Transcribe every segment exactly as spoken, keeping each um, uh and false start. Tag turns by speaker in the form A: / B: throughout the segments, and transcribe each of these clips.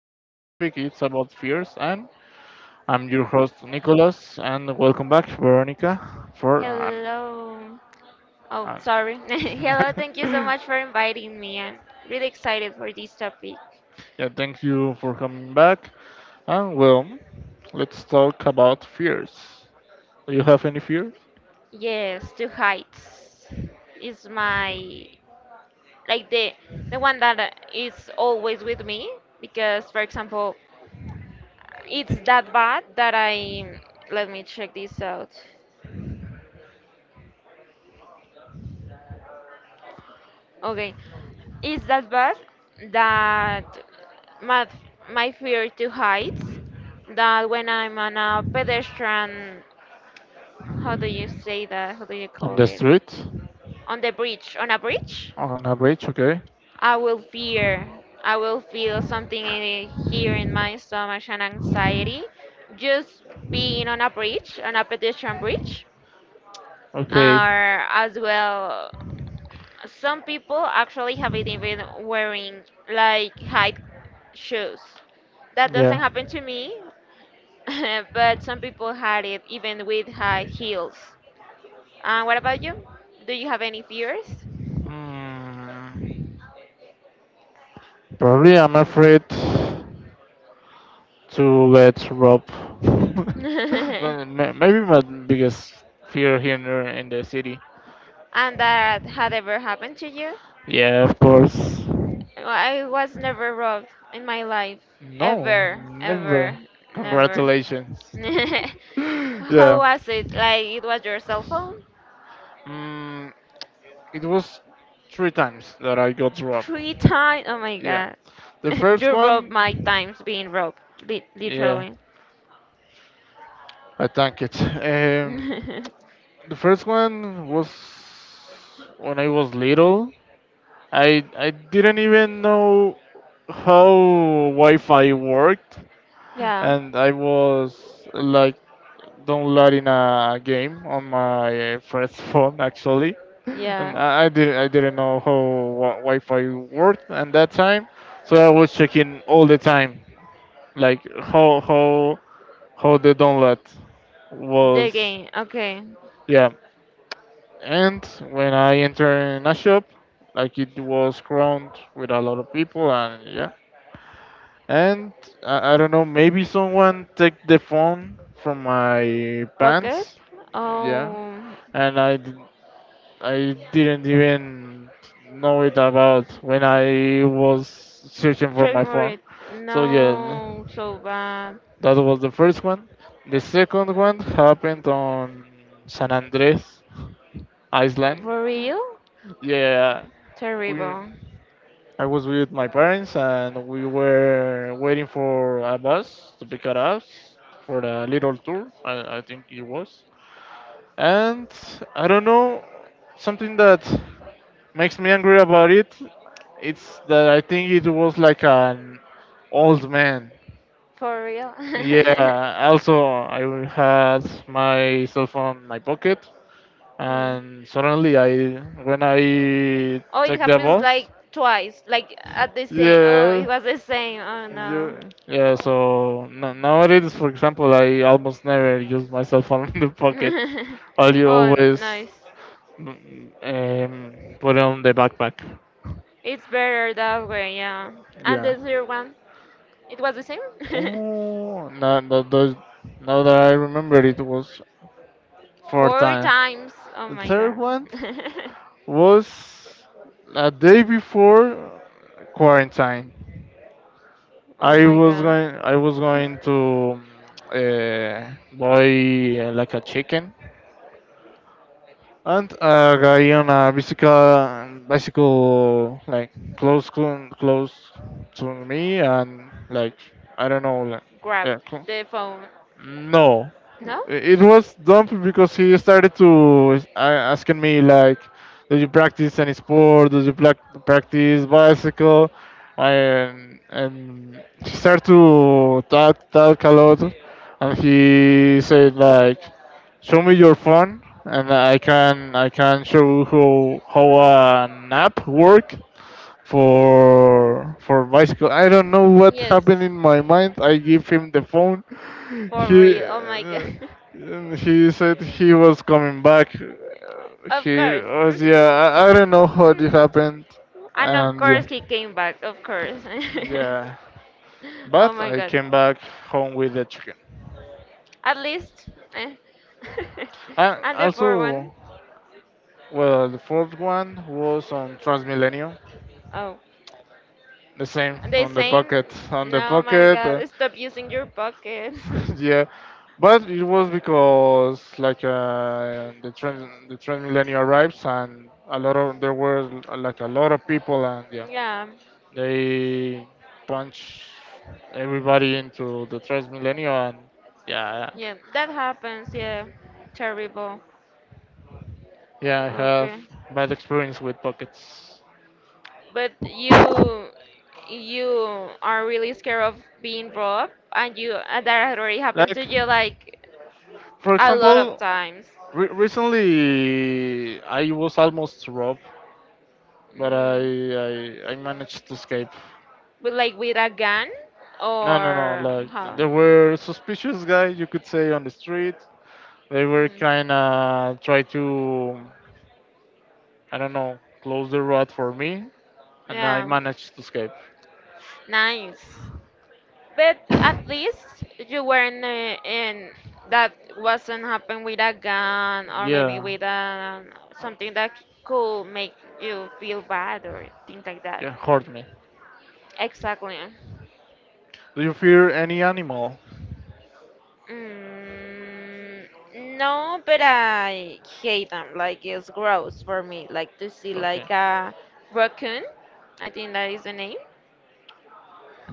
A: Today's topic is about fears, and I'm your host Nicholas. And welcome back, Veronica. For an,
B: Hello. Oh,
A: an-
B: sorry. Hello, thank you so much for inviting me. I'm really excited for this topic.
A: yeah, thank you for coming back. And well, let's talk about fears. Do you have any fears
B: Yes, two heights is my like the the one that uh, is always with me, because for example, it's that bad that I let me check this out. Okay. It's that bad that my my fear to heights, that when I'm on a pedestrian, how do you say that? How do you
A: on
B: call
A: the
B: it?
A: street?
B: On the bridge, on a bridge?
A: On a beach, okay?
B: I will fear. I will feel something in, here in my stomach, an anxiety, just being on a bridge, on a pedestrian bridge,
A: Okay.
B: or as well. Some people actually have it even wearing like high shoes. That doesn't
A: Yeah.
B: happen to me, but some people had it even with high heels. Uh, what about you? Do you have any fears?
A: Mm, probably i'm afraid to let rob
B: And
A: Well, ma- maybe my biggest fear here in the in the city.
B: that had ever happened to you?
A: Yeah, of course.
B: Well, I was never robbed in my life.
A: No,
B: Ever, ever,
A: never.
B: never.
A: Congratulations.
B: How
A: Yeah.
B: was it? Like it was your cell phone?
A: mm, It was three times that I got robbed.
B: Three times? Oh my
A: Yeah.
B: god.
A: The first
B: You robbed
A: one,
B: my times being robbed. Li-
A: yeah,
B: literally.
A: I thank it. Um, the first one was when I was little. I I didn't even know how Wi-Fi worked,
B: Yeah,
A: and I was like downloading a game on my uh, first phone actually, and
B: yeah.
A: I, I didn't I didn't know how wi- Wi-Fi worked at that time, so I was checking all the time like how how how the download
B: The
A: was.
B: game. Okay.
A: Yeah. And when i enter in a shop, like it was crowded with a lot of people and yeah, and i, I don't know, maybe someone took the phone from my
B: Pocket?
A: pants. Yeah.
B: Oh.
A: And i d- i didn't even know it about when i was searching for
B: Trick
A: my phone.
B: Murray.
A: So yeah,
B: No, so bad.
A: that was the first one. The second one happened on San Andres, Iceland.
B: For real?
A: Yeah, we,
B: Terrible.
A: I was with my parents and we were waiting for a bus to pick us for a little tour, I, I think it was. And I don't know, something that makes me angry about it, it's that I think it was like an old man.
B: For real.
A: Yeah, also I had my cell phone in my pocket,
B: Mm.
A: and suddenly I, when I
B: Oh, it
A: take the
B: happens
A: bus,
B: like twice, like at the same. Oh, it
A: yeah,
B: was the same. Oh no.
A: you, yeah. So no, nowadays, for example, I almost never use my cell phone in the pocket. All you
B: Oh,
A: always
B: nice.
A: mm, um, put on the backpack.
B: It's better that way, yeah. And
A: Yeah.
B: the third one, it was the same.
A: Oh, now no, no, now that I remember, it was four
B: Four
A: times.
B: times. Oh
A: The
B: my
A: third
B: god.
A: one was a day before quarantine.
B: Oh
A: I
B: my
A: was
B: god.
A: going I was going to uh, buy uh, like a chicken, and a guy on a bicycle bicycle like close close to me, and like I don't know, like
B: Grab
A: yeah, cl-
B: the phone.
A: no,
B: No?
A: it was dumb because he started to s- a- asking me like, "Do you practice any sport? Do you plac practice bicycle?" And and he started to talk talk a lot, and he said like, "Show me your phone, and I can I can show how how an app work." for for bicycle. I don't know what
B: Yes.
A: happened in my mind. I give him the phone.
B: For
A: He
B: real. Oh my
A: uh,
B: god.
A: and he said he was coming back.
B: Of
A: He
B: course.
A: was, yeah.
B: Hmm.
A: I, I don't know what
B: Hmm.
A: it happened,
B: And of
A: and yeah,
B: course he came back, of course.
A: yeah.
B: Oh
A: But
B: my
A: I
B: god.
A: came back home with the chicken.
B: At least. Eh.
A: And
B: And the poor one.
A: also, well, the fourth one was on Transmilenio.
B: Oh.
A: The same
B: The
A: on the
B: same.
A: pocket, on the
B: No, my
A: pocket. uh,
B: god. Stop using your pocket.
A: yeah, but it was because like uh, the trend the trend millennial arrives and a lot of there were like a lot of people and yeah,
B: Yeah.
A: they punch everybody into the trans millennial and yeah,
B: Yeah. That happens. Yeah. Terrible.
A: yeah, I have
B: Okay.
A: bad experience with pockets.
B: But you you are really scared of being brought up. And you uh, that had already happened to
A: Like
B: you, like
A: for
B: a lot of
A: example
B: times.
A: re- recently I was almost robbed, but I,
B: Mm.
A: I I managed to escape.
B: But like with a gun
A: No, no, no.
B: or
A: Like
B: how?
A: there were suspicious guys, you could say, on the street. They were
B: Mm.
A: kind of try to, I don't know, close the road for me, and I
B: Yeah,
A: managed to escape.
B: nice. But at least you weren't, uh, in that wasn't happen with a gun, or maybe
A: Yeah,
B: with a, something that could make you feel bad or things like that.
A: yeah, hurt me.
B: Exactly.
A: Do you fear any animal?
B: Mm, no, but I hate them. Like it's gross for me. Like to see
A: Okay.
B: like a raccoon. I think that is the name.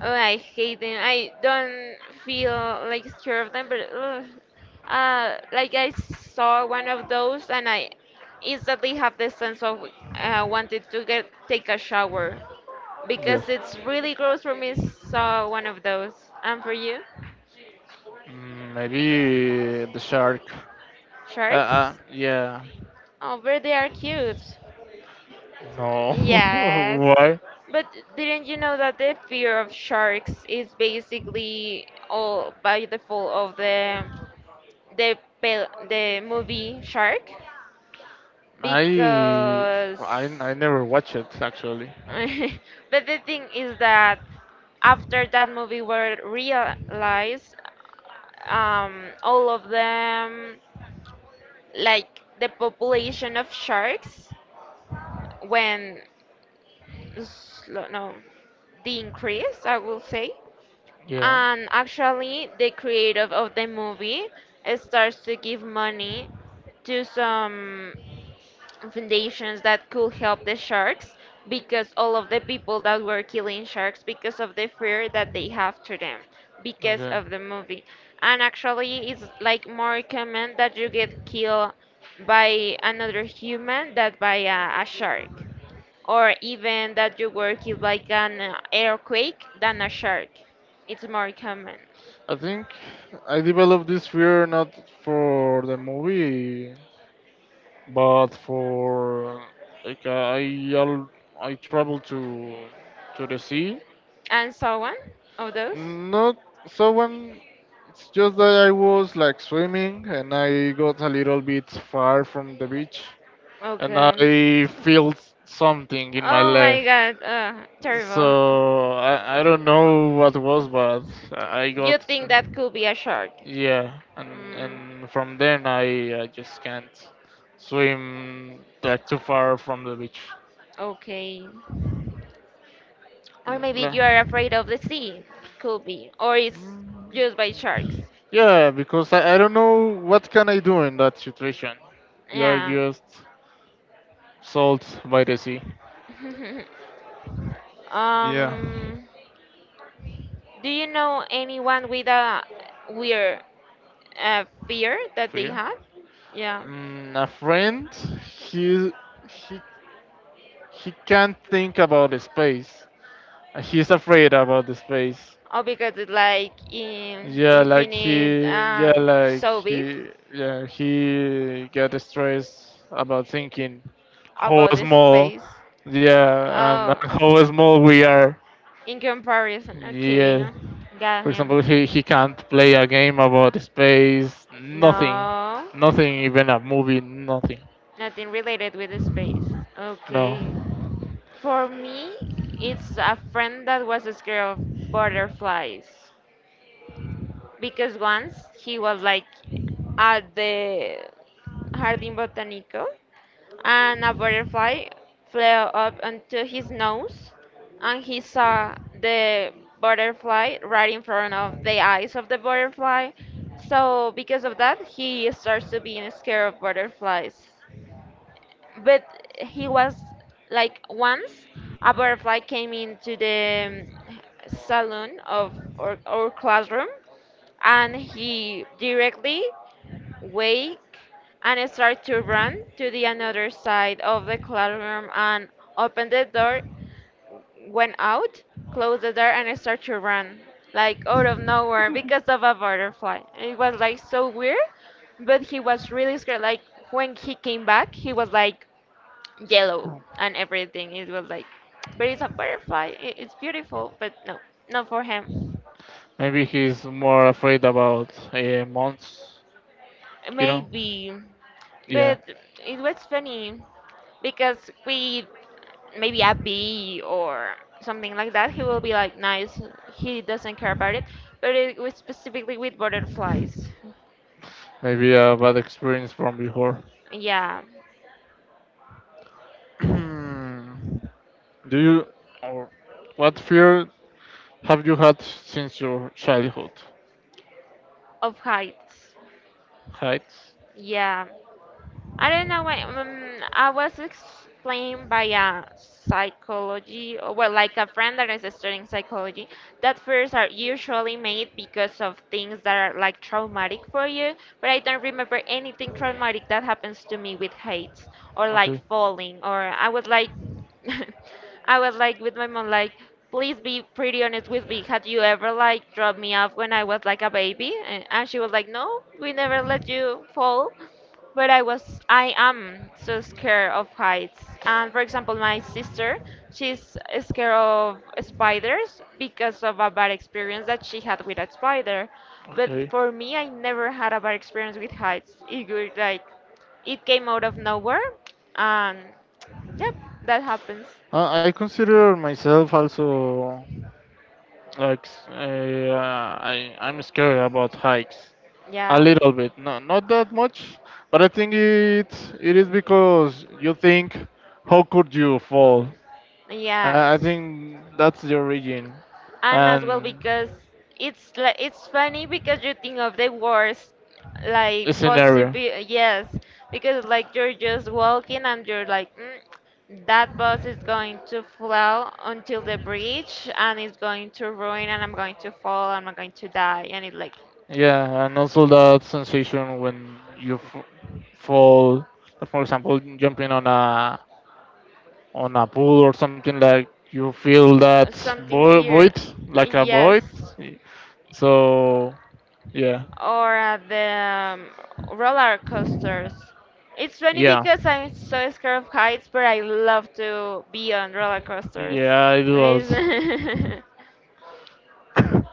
B: Oh, I hate them. I don't feel like scared of them, but ugh. uh, like I saw one of those, and I instantly have the sense of, uh, wanted to get take a shower,
A: Yes.
B: because it's really gross for me. Saw one of those. And for you,
A: Mm, maybe the shark. Uh,
B: sharks?
A: uh yeah.
B: Oh, but they are cute.
A: No.
B: Yes,
A: Why?
B: but didn't you know that the fear of sharks is basically all by the fall of the the pel- the movie Shark?
A: I
B: Because,
A: I I never watch it actually.
B: but the thing is that after that movie were realized, um, all of them, like the population of sharks, when s- no, the increase, I will say.
A: Yeah.
B: And actually, the creator of the movie starts to give money to some foundations that could help the sharks, because all of the people that were killing sharks because of the fear that they have to them, because
A: Okay.
B: of the movie. And actually, it's like more common that you get killed by another human than by a, a shark, or even that you were killed by an uh, earthquake than a shark. It's more common.
A: I think I developed this fear not for the movie, but for like I al- I travel to to the sea.
B: And so on? Of those?
A: Not so when it's just that I was like swimming and I got a little bit far from the beach, and
B: Okay.
A: I felt something in my
B: Oh
A: leg.
B: my god, uh, terrible.
A: So I, I don't know what was, but I I
B: You
A: got.
B: think that could be a shark?
A: Yeah, and
B: Mm,
A: and from then I, I just can't swim that too far from the beach.
B: okay. Or maybe
A: La-
B: you are afraid of the sea. Could be. Or it's just by sharks.
A: Yeah, because I, I don't know what can I do in that situation. You are
B: Yeah.
A: just salt by the sea. Yeah,
B: um, do you know anyone with a weird, uh, fear that they
A: fear.
B: had? Yeah.
A: Mm, a friend, he he he can't think about the space. He's afraid about the space.
B: Oh, because it's like, in,
A: Yeah, like
B: infinite
A: he, yeah,
B: and
A: like
B: so big,
A: he, yeah, he get stressed about thinking how
B: about the
A: small,
B: space.
A: yeah, and
B: Oh,
A: how small we are.
B: in comparison, okay,
A: Yeah,
B: got
A: for
B: him.
A: example, he he can't play a game about space, nothing,
B: No,
A: nothing, even a movie, nothing.
B: nothing related with the space.
A: No,
B: Okay. For me, it's a friend that was scared of butterflies, because once he was like at the Jardín Botánico, and a butterfly flew up onto his nose, and he saw the butterfly right in front of the eyes of the butterfly. So, because of that, he starts to being scared of butterflies. But he was like, once a butterfly came into the um, salon of our, our classroom, and he directly wake and start to run to the another side of the classroom, and open the door, went out, closed the door, and start to run, like, out of nowhere because of a butterfly. It was like so weird, but he was really scared. Like, when he came back, he was like yellow and everything. It was like, but it's a butterfly, i- it's beautiful. But no, not for him.
A: maybe he's more afraid about uh, months, you know?
B: Maybe.
A: Yeah,
B: But it was funny, because we, maybe a B or something like that, he will be like, nice. He doesn't care about it. But it was specifically with butterflies.
A: maybe a bad experience from before.
B: Yeah,
A: Do you, or what fear have you had since your childhood?
B: of heights.
A: Heights?
B: Yeah, I don't know why. Um, I was explained by a psychology, or, well, like a friend that is studying psychology, that fears are usually made because of things that are like traumatic for you. But I don't remember anything traumatic that happens to me with heights or like
A: Okay.
B: falling. Or I was like, I was like with my mom, like, please be pretty honest with me. Had you ever like dropped me off when I was like a baby? And and she was like, no, we never let you fall, but I was I am so scared of heights. And for example, my sister, she's scared of spiders because of a bad experience that she had with a spider. But
A: Okay.
B: for me, I never had a bad experience with heights. It was like it came out of nowhere, and yep, that happens.
A: Uh, I consider myself also like s- a, uh, I I'm scared about hikes a
B: Yeah.
A: little bit. No, not that much, but I think it it is because you think how could you fall? I, I
B: Yes.
A: think that's the origin,
B: And as well,
A: and
B: because it's like, it's funny, because you think of the worst,
A: a
B: like,
A: scenario.
B: possible. Yes. Because, like, you're just walking and you're like, mm, that bus is going to flow until the bridge and it's going to ruin, and I'm going to fall, and I'm going to die. And it's like,
A: Yeah, and also that sensation when you f fall, for example, jumping on a on a pool or something like you feel
B: uh,
A: that
B: something
A: vo
B: here.
A: void, like a
B: Yes.
A: void. So yeah,
B: Or at the um, roller coasters. It's funny
A: yeah,
B: because I'm so scared of heights, but I love to be on roller coasters.
A: yeah, I do also.
B: It's-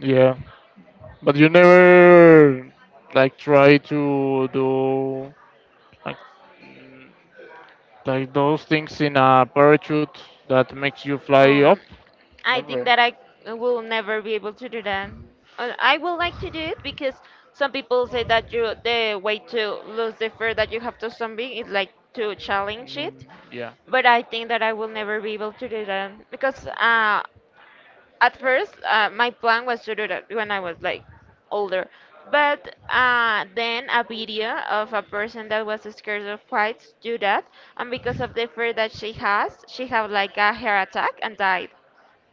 A: Yeah, but you never like try to do like. Like those things in a parachute that makes you fly up?
B: um, I think
A: Never.
B: that I will never be able to do that. Uh, I would like to do it, because some people say that you the way to lose the fear that you have to something is like to challenge it.
A: Mm, yeah.
B: But I think that I will never be able to do that, because uh, at first, uh, my plan was to do that when I was like older. But, uh, then a video of a person that was scared of heights do that, and because of the fear that she has, she had like a heart attack and died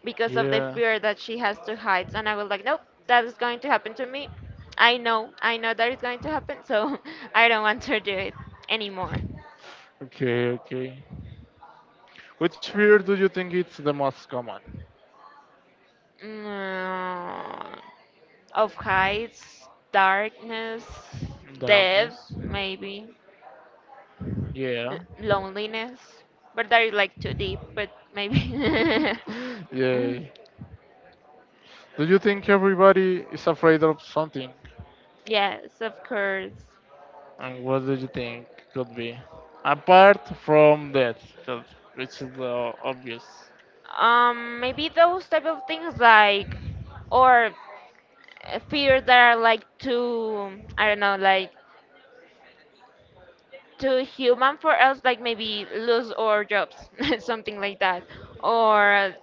B: because of the
A: Yeah.
B: fear that she has to heights. And I was like, nope, that is going to happen to me. I know, I know that is going to happen, so I don't want to do it anymore.
A: Okay, okay. Which fear do you think it's the most common?
B: Mm, of heights, darkness, death,
A: Darkness.
B: maybe. L-
A: Yeah.
B: loneliness, but that is like too deep. But maybe.
A: Yeah.
B: Mm,
A: Do you think everybody is afraid of something?
B: yes, of course.
A: And what do you think could be? Apart from death, 'cause which is uh, obvious.
B: Um, maybe those type of things, like, or uh, fears that are like, too, I don't know, like, too human for us. Like, maybe lose our jobs, something like that, or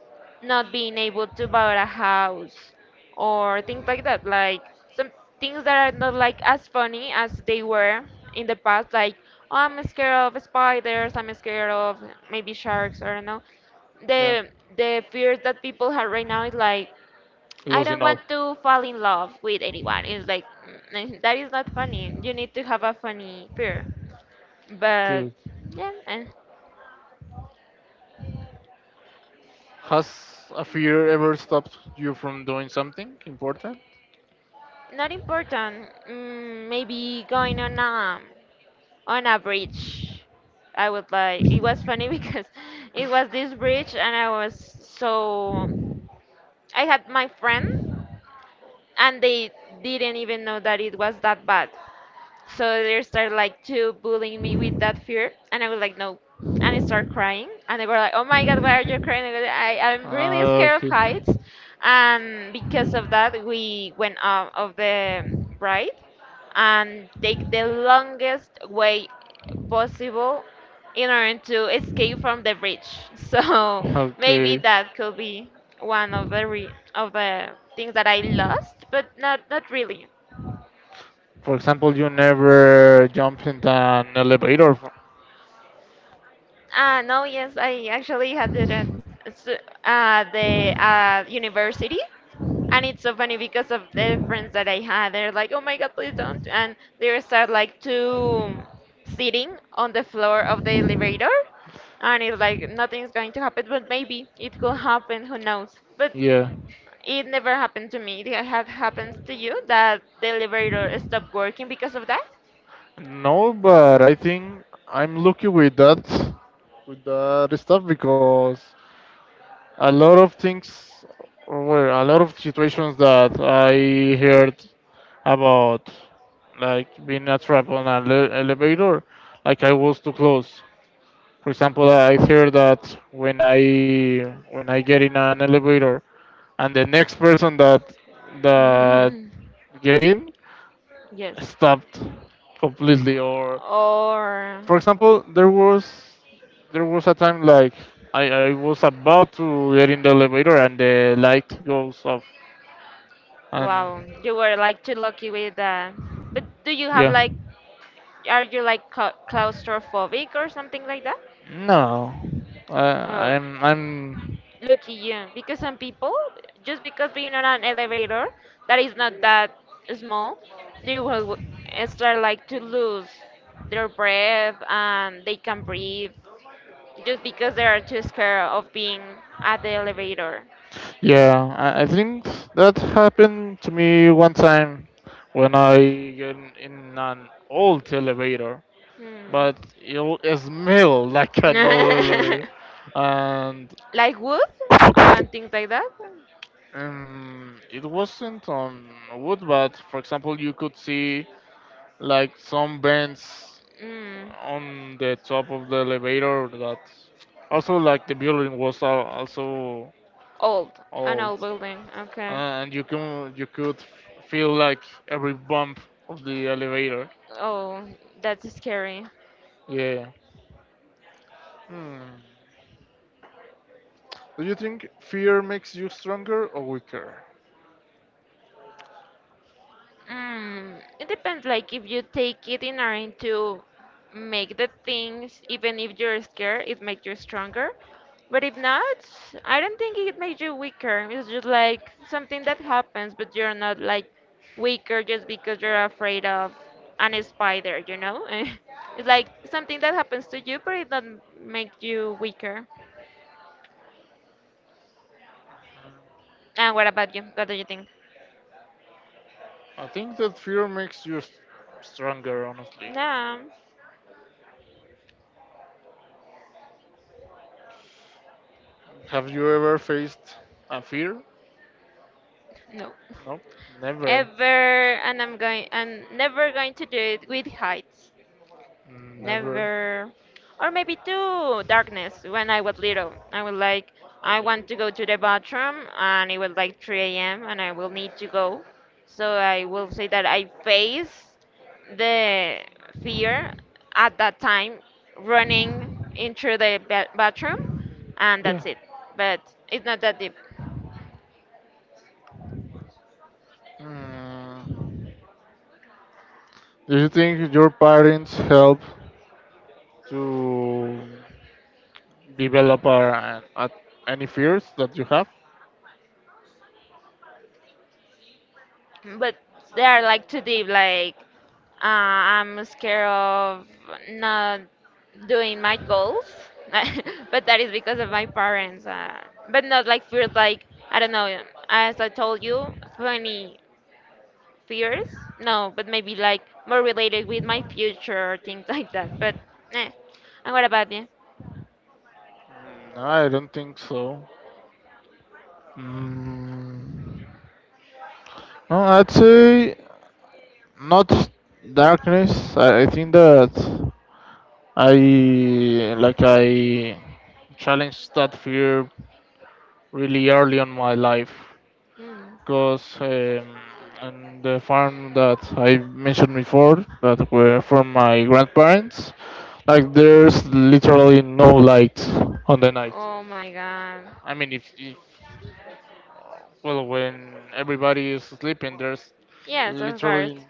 B: not being able to buy a house, or things like that, like some things that are not like as funny as they were in the past. Like, oh, I'm scared of spiders, I'm scared of maybe sharks, or no,
A: Yeah,
B: the the fears that people have right now is like, I
A: losing
B: don't
A: all.
B: want to fall in love with anyone. It's like, mm, that is not funny. You need to have a funny fear, but
A: Okay.
B: yeah, and
A: Has a fear ever stopped you from doing something important?
B: not important. Mm, maybe going on a on a bridge. I would like. It was funny because it was this bridge, and I was so. I had my friend, and they didn't even know that it was that bad. So they started like to bullying me with that fear, and I was like, no, and I start crying, and they were like, oh my god, why are you crying? I, go, "I- I'm really
A: Ah,
B: scared
A: okay.
B: of heights," and because of that, we went out of the ride and take the longest way possible in order to escape from the bridge. So maybe
A: Okay.
B: that could be one of the re- of the things that I lost, but not not really.
A: For example, you never jumped in an elevator.
B: Ah, no, yes, I actually had it at, s- uh, the uh, university. And it's so funny because of the friends that I had. They're like, oh my God, please don't. And they start like to sitting on the floor of the elevator. And it's like, nothing's going to happen, but maybe it could happen, who knows. But
A: Yeah.
B: it never happened to me. It have happened to you that the elevator stopped working because of that?
A: No, but I think I'm lucky with that with that stuff because a lot of things were a lot of situations that I heard about, like being a trap on an ele- elevator, like I was too close. For example, I hear that when I when I get in an elevator and the next person that that get in
B: Yes.
A: stopped completely. Or
B: Or
A: for example, there was there was a time like I, I was about to get in the elevator and the light goes off
B: wow,
A: and
B: you were like too lucky with that. But do you have
A: yeah.
B: like, are you like cla- claustrophobic or something like that?
A: No, uh,
B: Oh,
A: i'm i'm
B: lucky you. Because some people, just because being on an elevator that is not that small, they will w- start like to lose their breath and they can not breathe just because they are too scared of being at the elevator.
A: yeah. I, I think that happened to me one time when i get in an old elevator,
B: Hmm.
A: but it it smelled like an old elevator. And
B: Like wood and things like that?
A: um, it wasn't on wood, but for example you could see like some vents
B: Mm.
A: on the top of the elevator, that also like the building was al- also
B: Old. An
A: old,
B: old building. Okay.
A: and you can you could f- feel like every bump of the elevator.
B: Oh, that's scary.
A: Yeah. Hmm. Do you think fear makes you stronger or weaker?
B: Mm, it depends. Like if you take it in order to make the things, even if you're scared, it makes you stronger. But if not, I don't think it makes you weaker. It's just like something that happens, but you're not like weaker just because you're afraid of an spider, you know? It's like something that happens to you, but it doesn't make you weaker. And what about you? What do you think?
A: I think that fear makes you s- stronger, honestly.
B: No,
A: Have you ever faced a fear?
B: no.
A: No, never,
B: ever and I'm going and never going to do it with heights.
A: never.
B: Never or maybe to darkness when I was little. I was like I
A: Always.
B: want to go to the bathroom and it was like three a m and I will need to go. So I will say that I face the fear at that time running into the ba- bathroom
A: But
B: and
A: it's
B: that's
A: not
B: it. But it's not that deep.
A: that difficult. Mm, do you think your parents help to develop or, uh, any fears that you have?
B: But they are like too deep like uh, I'm scared of not doing my goals but that is because of my parents uh, but not like fears. Like I don't know, as I told you, funny fears. No, but maybe like more related with my future or things like that but eh. and what about you?
A: Mm, I don't think so. Mm, no, I'd say not darkness. I, I think that I like I challenged that fear really early on my life
B: Hmm.
A: because um, on the farm that I mentioned before that were from my grandparents, like there's literally no light on the night.
B: Oh my god.
A: I mean, if, if well, when everybody is sleeping, there's
B: Yes, of course.
A: literally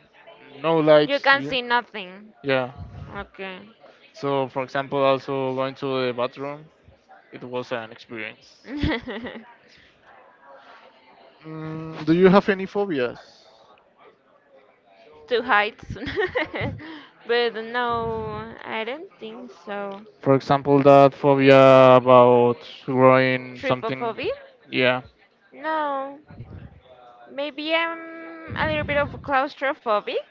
A: no
B: You
A: light.
B: can
A: Yeah,
B: see nothing.
A: yeah.
B: Okay.
A: So, for example, also going to the bathroom, it was an experience. Mm, do you have any phobias?
B: Two heights. But no, I don't think so.
A: For example, that phobia about growing something.
B: Trypophobia?
A: Yeah.
B: No. Maybe I'm a little bit of claustrophobic,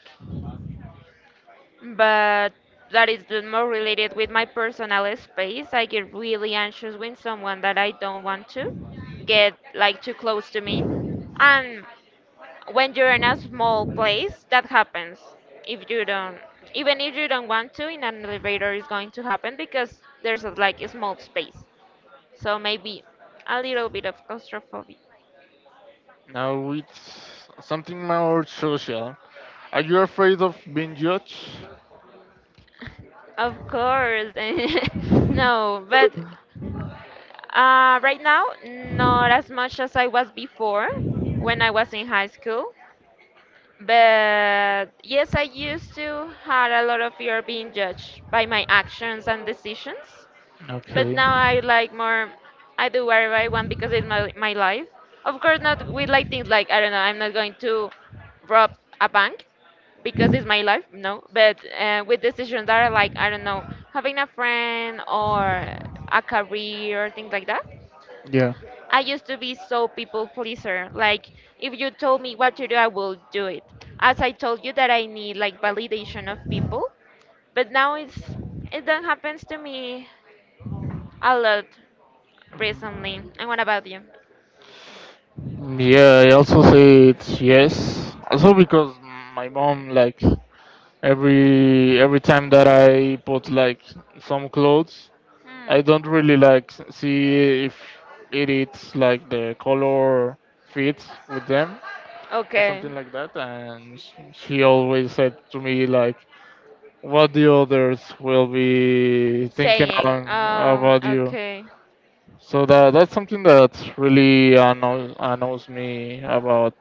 B: but that is the more related with my personal space. I get really anxious when someone that I don't want to get like too close to me. And when you're in a small place that happens if you don't even if you don't want to in an elevator is going to happen because there's a, like a small space, so maybe a little bit of claustrophobia.
A: Now it's something more social. Are you afraid of being judged?
B: Of course. No, but uh, right now not as much as I was before, when I was in high school. But yes, I used to had a lot of fear of being judged by my actions and decisions. But
A: Okay.
B: now I like more, I do whatever I want because it's my, my life. Of course, not with like things like, I don't know, I'm not going to rob a bank because it's my life, no. But uh, with decisions that are like, I don't know, having a friend or a career, things like that.
A: Yeah.
B: I used to be so people pleaser. Like, if you told me what to do, I will do it. As I told you that I need like validation of people, but now it's it don't happens to me a lot recently. And what about you?
A: Yeah, I also said yes. Also because my mom like every every time that I put like some clothes, I
B: Hmm.
A: don't really like s- see if it is like the color fits with them or
B: Okay.
A: something like that. And sh- she always said to me like, "What the others will be thinking
B: Saying.
A: on
B: Um.
A: about you."
B: Okay.
A: So that that's something that really annoys, annoys me about.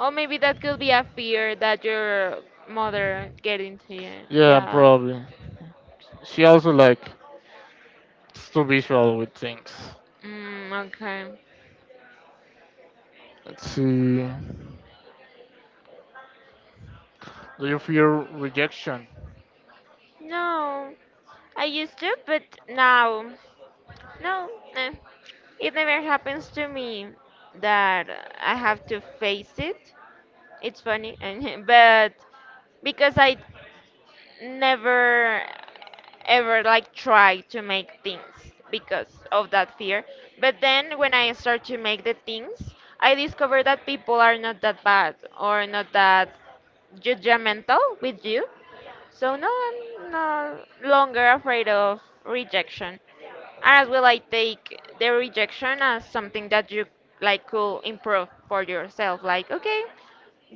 B: Or maybe that could be a fear that your mother get into you.
A: Yeah,
B: Yeah.
A: probably. She also like it's too visual with things.
B: Mm, okay.
A: Let's see. Do you fear rejection?
B: No, I used to, but now, no, eh. It never happens to me that I have to face it. It's funny, and but because I never ever like try to make things because of that fear. But then when I start to make the things, I discover that people are not that bad or not that judgmental with you. So no, I'm no longer afraid of rejection. And as well, I take the rejection as something that you like could improve for yourself. Like, okay,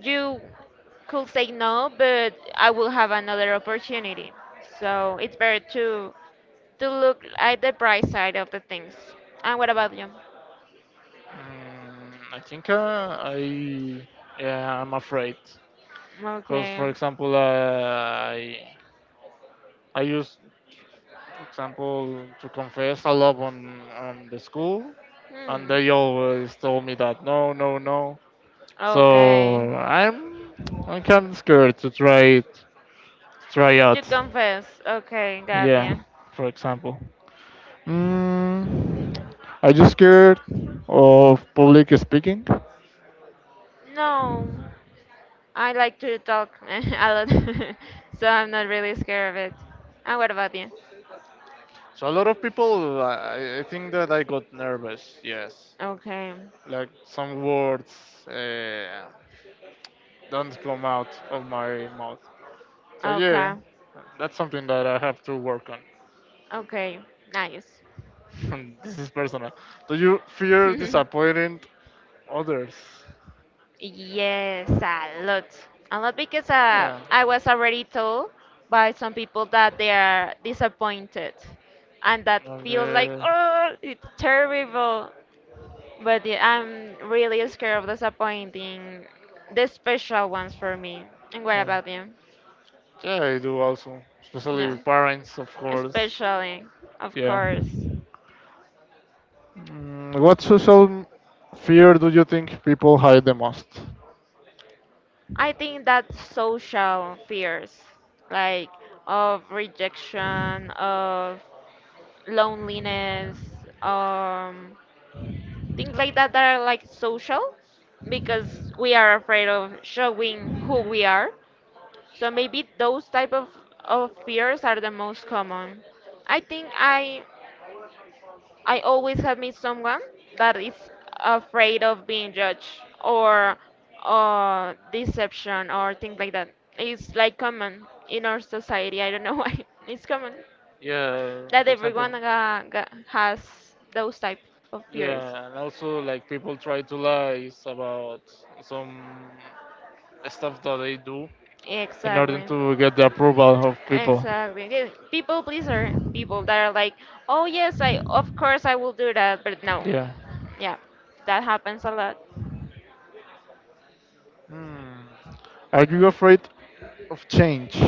B: you could say no, but I will have another opportunity. So it's better to to look at the bright side of the things. And what about you?
A: Mm, I think uh, I yeah, I'm afraid because for
B: Okay.
A: example uh, I I used for example to confess a lot on on the school, and
B: Hmm.
A: they always told me that no, no, no. So
B: Okay.
A: I'm I'm kind of scared to try it, try
B: To
A: out.
B: confess. Okay, got
A: Yeah,
B: you.
A: for example, mm, are you scared of public speaking?
B: No, I like to talk a lot, so I'm not really scared of it. And what about you?
A: So a lot of people, I, I think that I got nervous. Yes,
B: Okay.
A: like some words uh, don't come out of my mouth. So yeah,
B: Okay.
A: that's something that I have to work
B: Okay. Nice.
A: on. This is personal. Do you fear disappointing others?
B: Yes, a lot. A lot because uh,
A: Yeah.
B: I was already told by some people that they are disappointed and that feels like,
A: Okay.
B: oh, it's terrible. But yeah, I'm really scared of disappointing the special ones for me. And what
A: Yeah.
B: about you?
A: Yeah, I do also, especially
B: No.
A: parents, of course.
B: Especially, of
A: Yeah.
B: course.
A: Mm, what social fear do you think people hide the most?
B: I think that social fears, like of rejection, of loneliness, um, things like that that are like social because we are afraid of showing who we are. So maybe those type of, of fears are the most common. I think I I always have met someone that is afraid of being judged or uh, deception or things like that. It's like common in our society. I don't know why. It's common.
A: Yeah,
B: That
A: for example.
B: everyone ga, ga, has those type of fears.
A: Yeah, and also like people try to lie about some stuff that they do in order
B: Exactly.
A: to get the approval of people.
B: Exactly. Yeah, People pleaser, people that are like, "Oh yes, I of course I will do that," but no.
A: Yeah.
B: Yeah. That happens a lot.
A: Hmm. Are you afraid of change?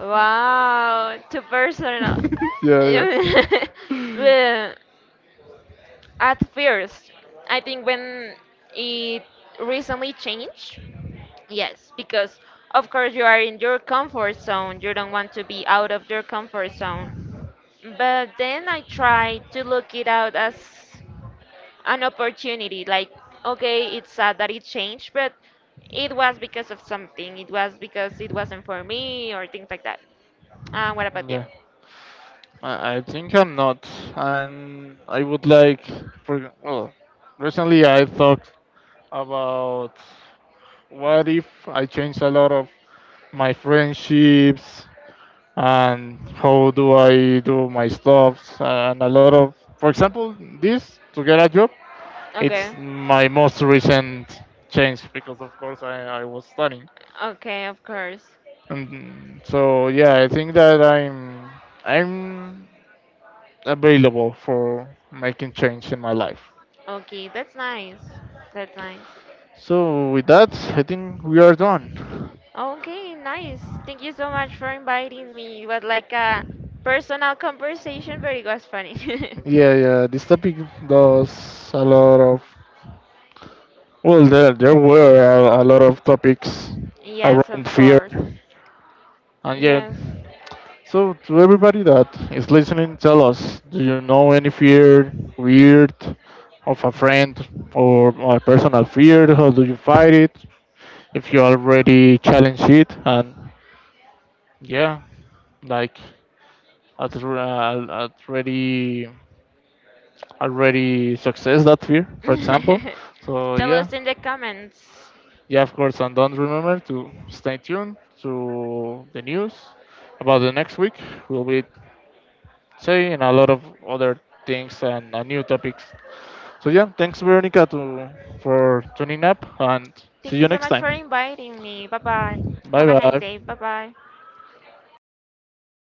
B: Wow, too personal.
A: Yeah, yeah.
B: The- At first, I think when it recently changed, yes, because of course you are in your comfort zone. You don't want to be out of your comfort zone. But then I try to look it out as an opportunity. Like, okay, it's sad that it changed, but it was because of something. It was because it wasn't for me or things like that. Uh, what about you?
A: Yeah. I, I think I'm not, and I would like for well, recently I thought about what if I change a lot of my friendships and how do I do my stuffs and a lot of for example this to get a job.
B: Okay.
A: It's my most recent change, because of course I, I was studying.
B: Okay, of course.
A: And so yeah, I think that I'm I'm available for making change in my life.
B: Okay, that's nice. That's nice.
A: So with that I think we are done.
B: Okay, nice. Thank you so much for inviting me. It was like a personal conversation, but it was funny.
A: Yeah, yeah, this topic does a lot of. Well, there, there were a, a lot of topics
B: Yes, of
A: around fear.
B: course.
A: And yeah,
B: Yes.
A: so to everybody that is listening, tell us, do you know any fear, weird, of a friend or a personal fear? How do you fight it? If you already challenge it, and yeah, like at, r- uh, at already already success that fear, for example. So
B: Tell
A: yeah,
B: us in the comments.
A: yeah, of course. And don't remember to stay tuned to the news about the next week. We'll be saying a lot of other things and uh, new topics. So yeah, thanks Veronica to, for tuning up and see
B: Thank you
A: you
B: so
A: next
B: much for
A: time.
B: inviting me. Bye bye.
A: Bye
B: Have a nice day. Bye
A: bye.
B: bye.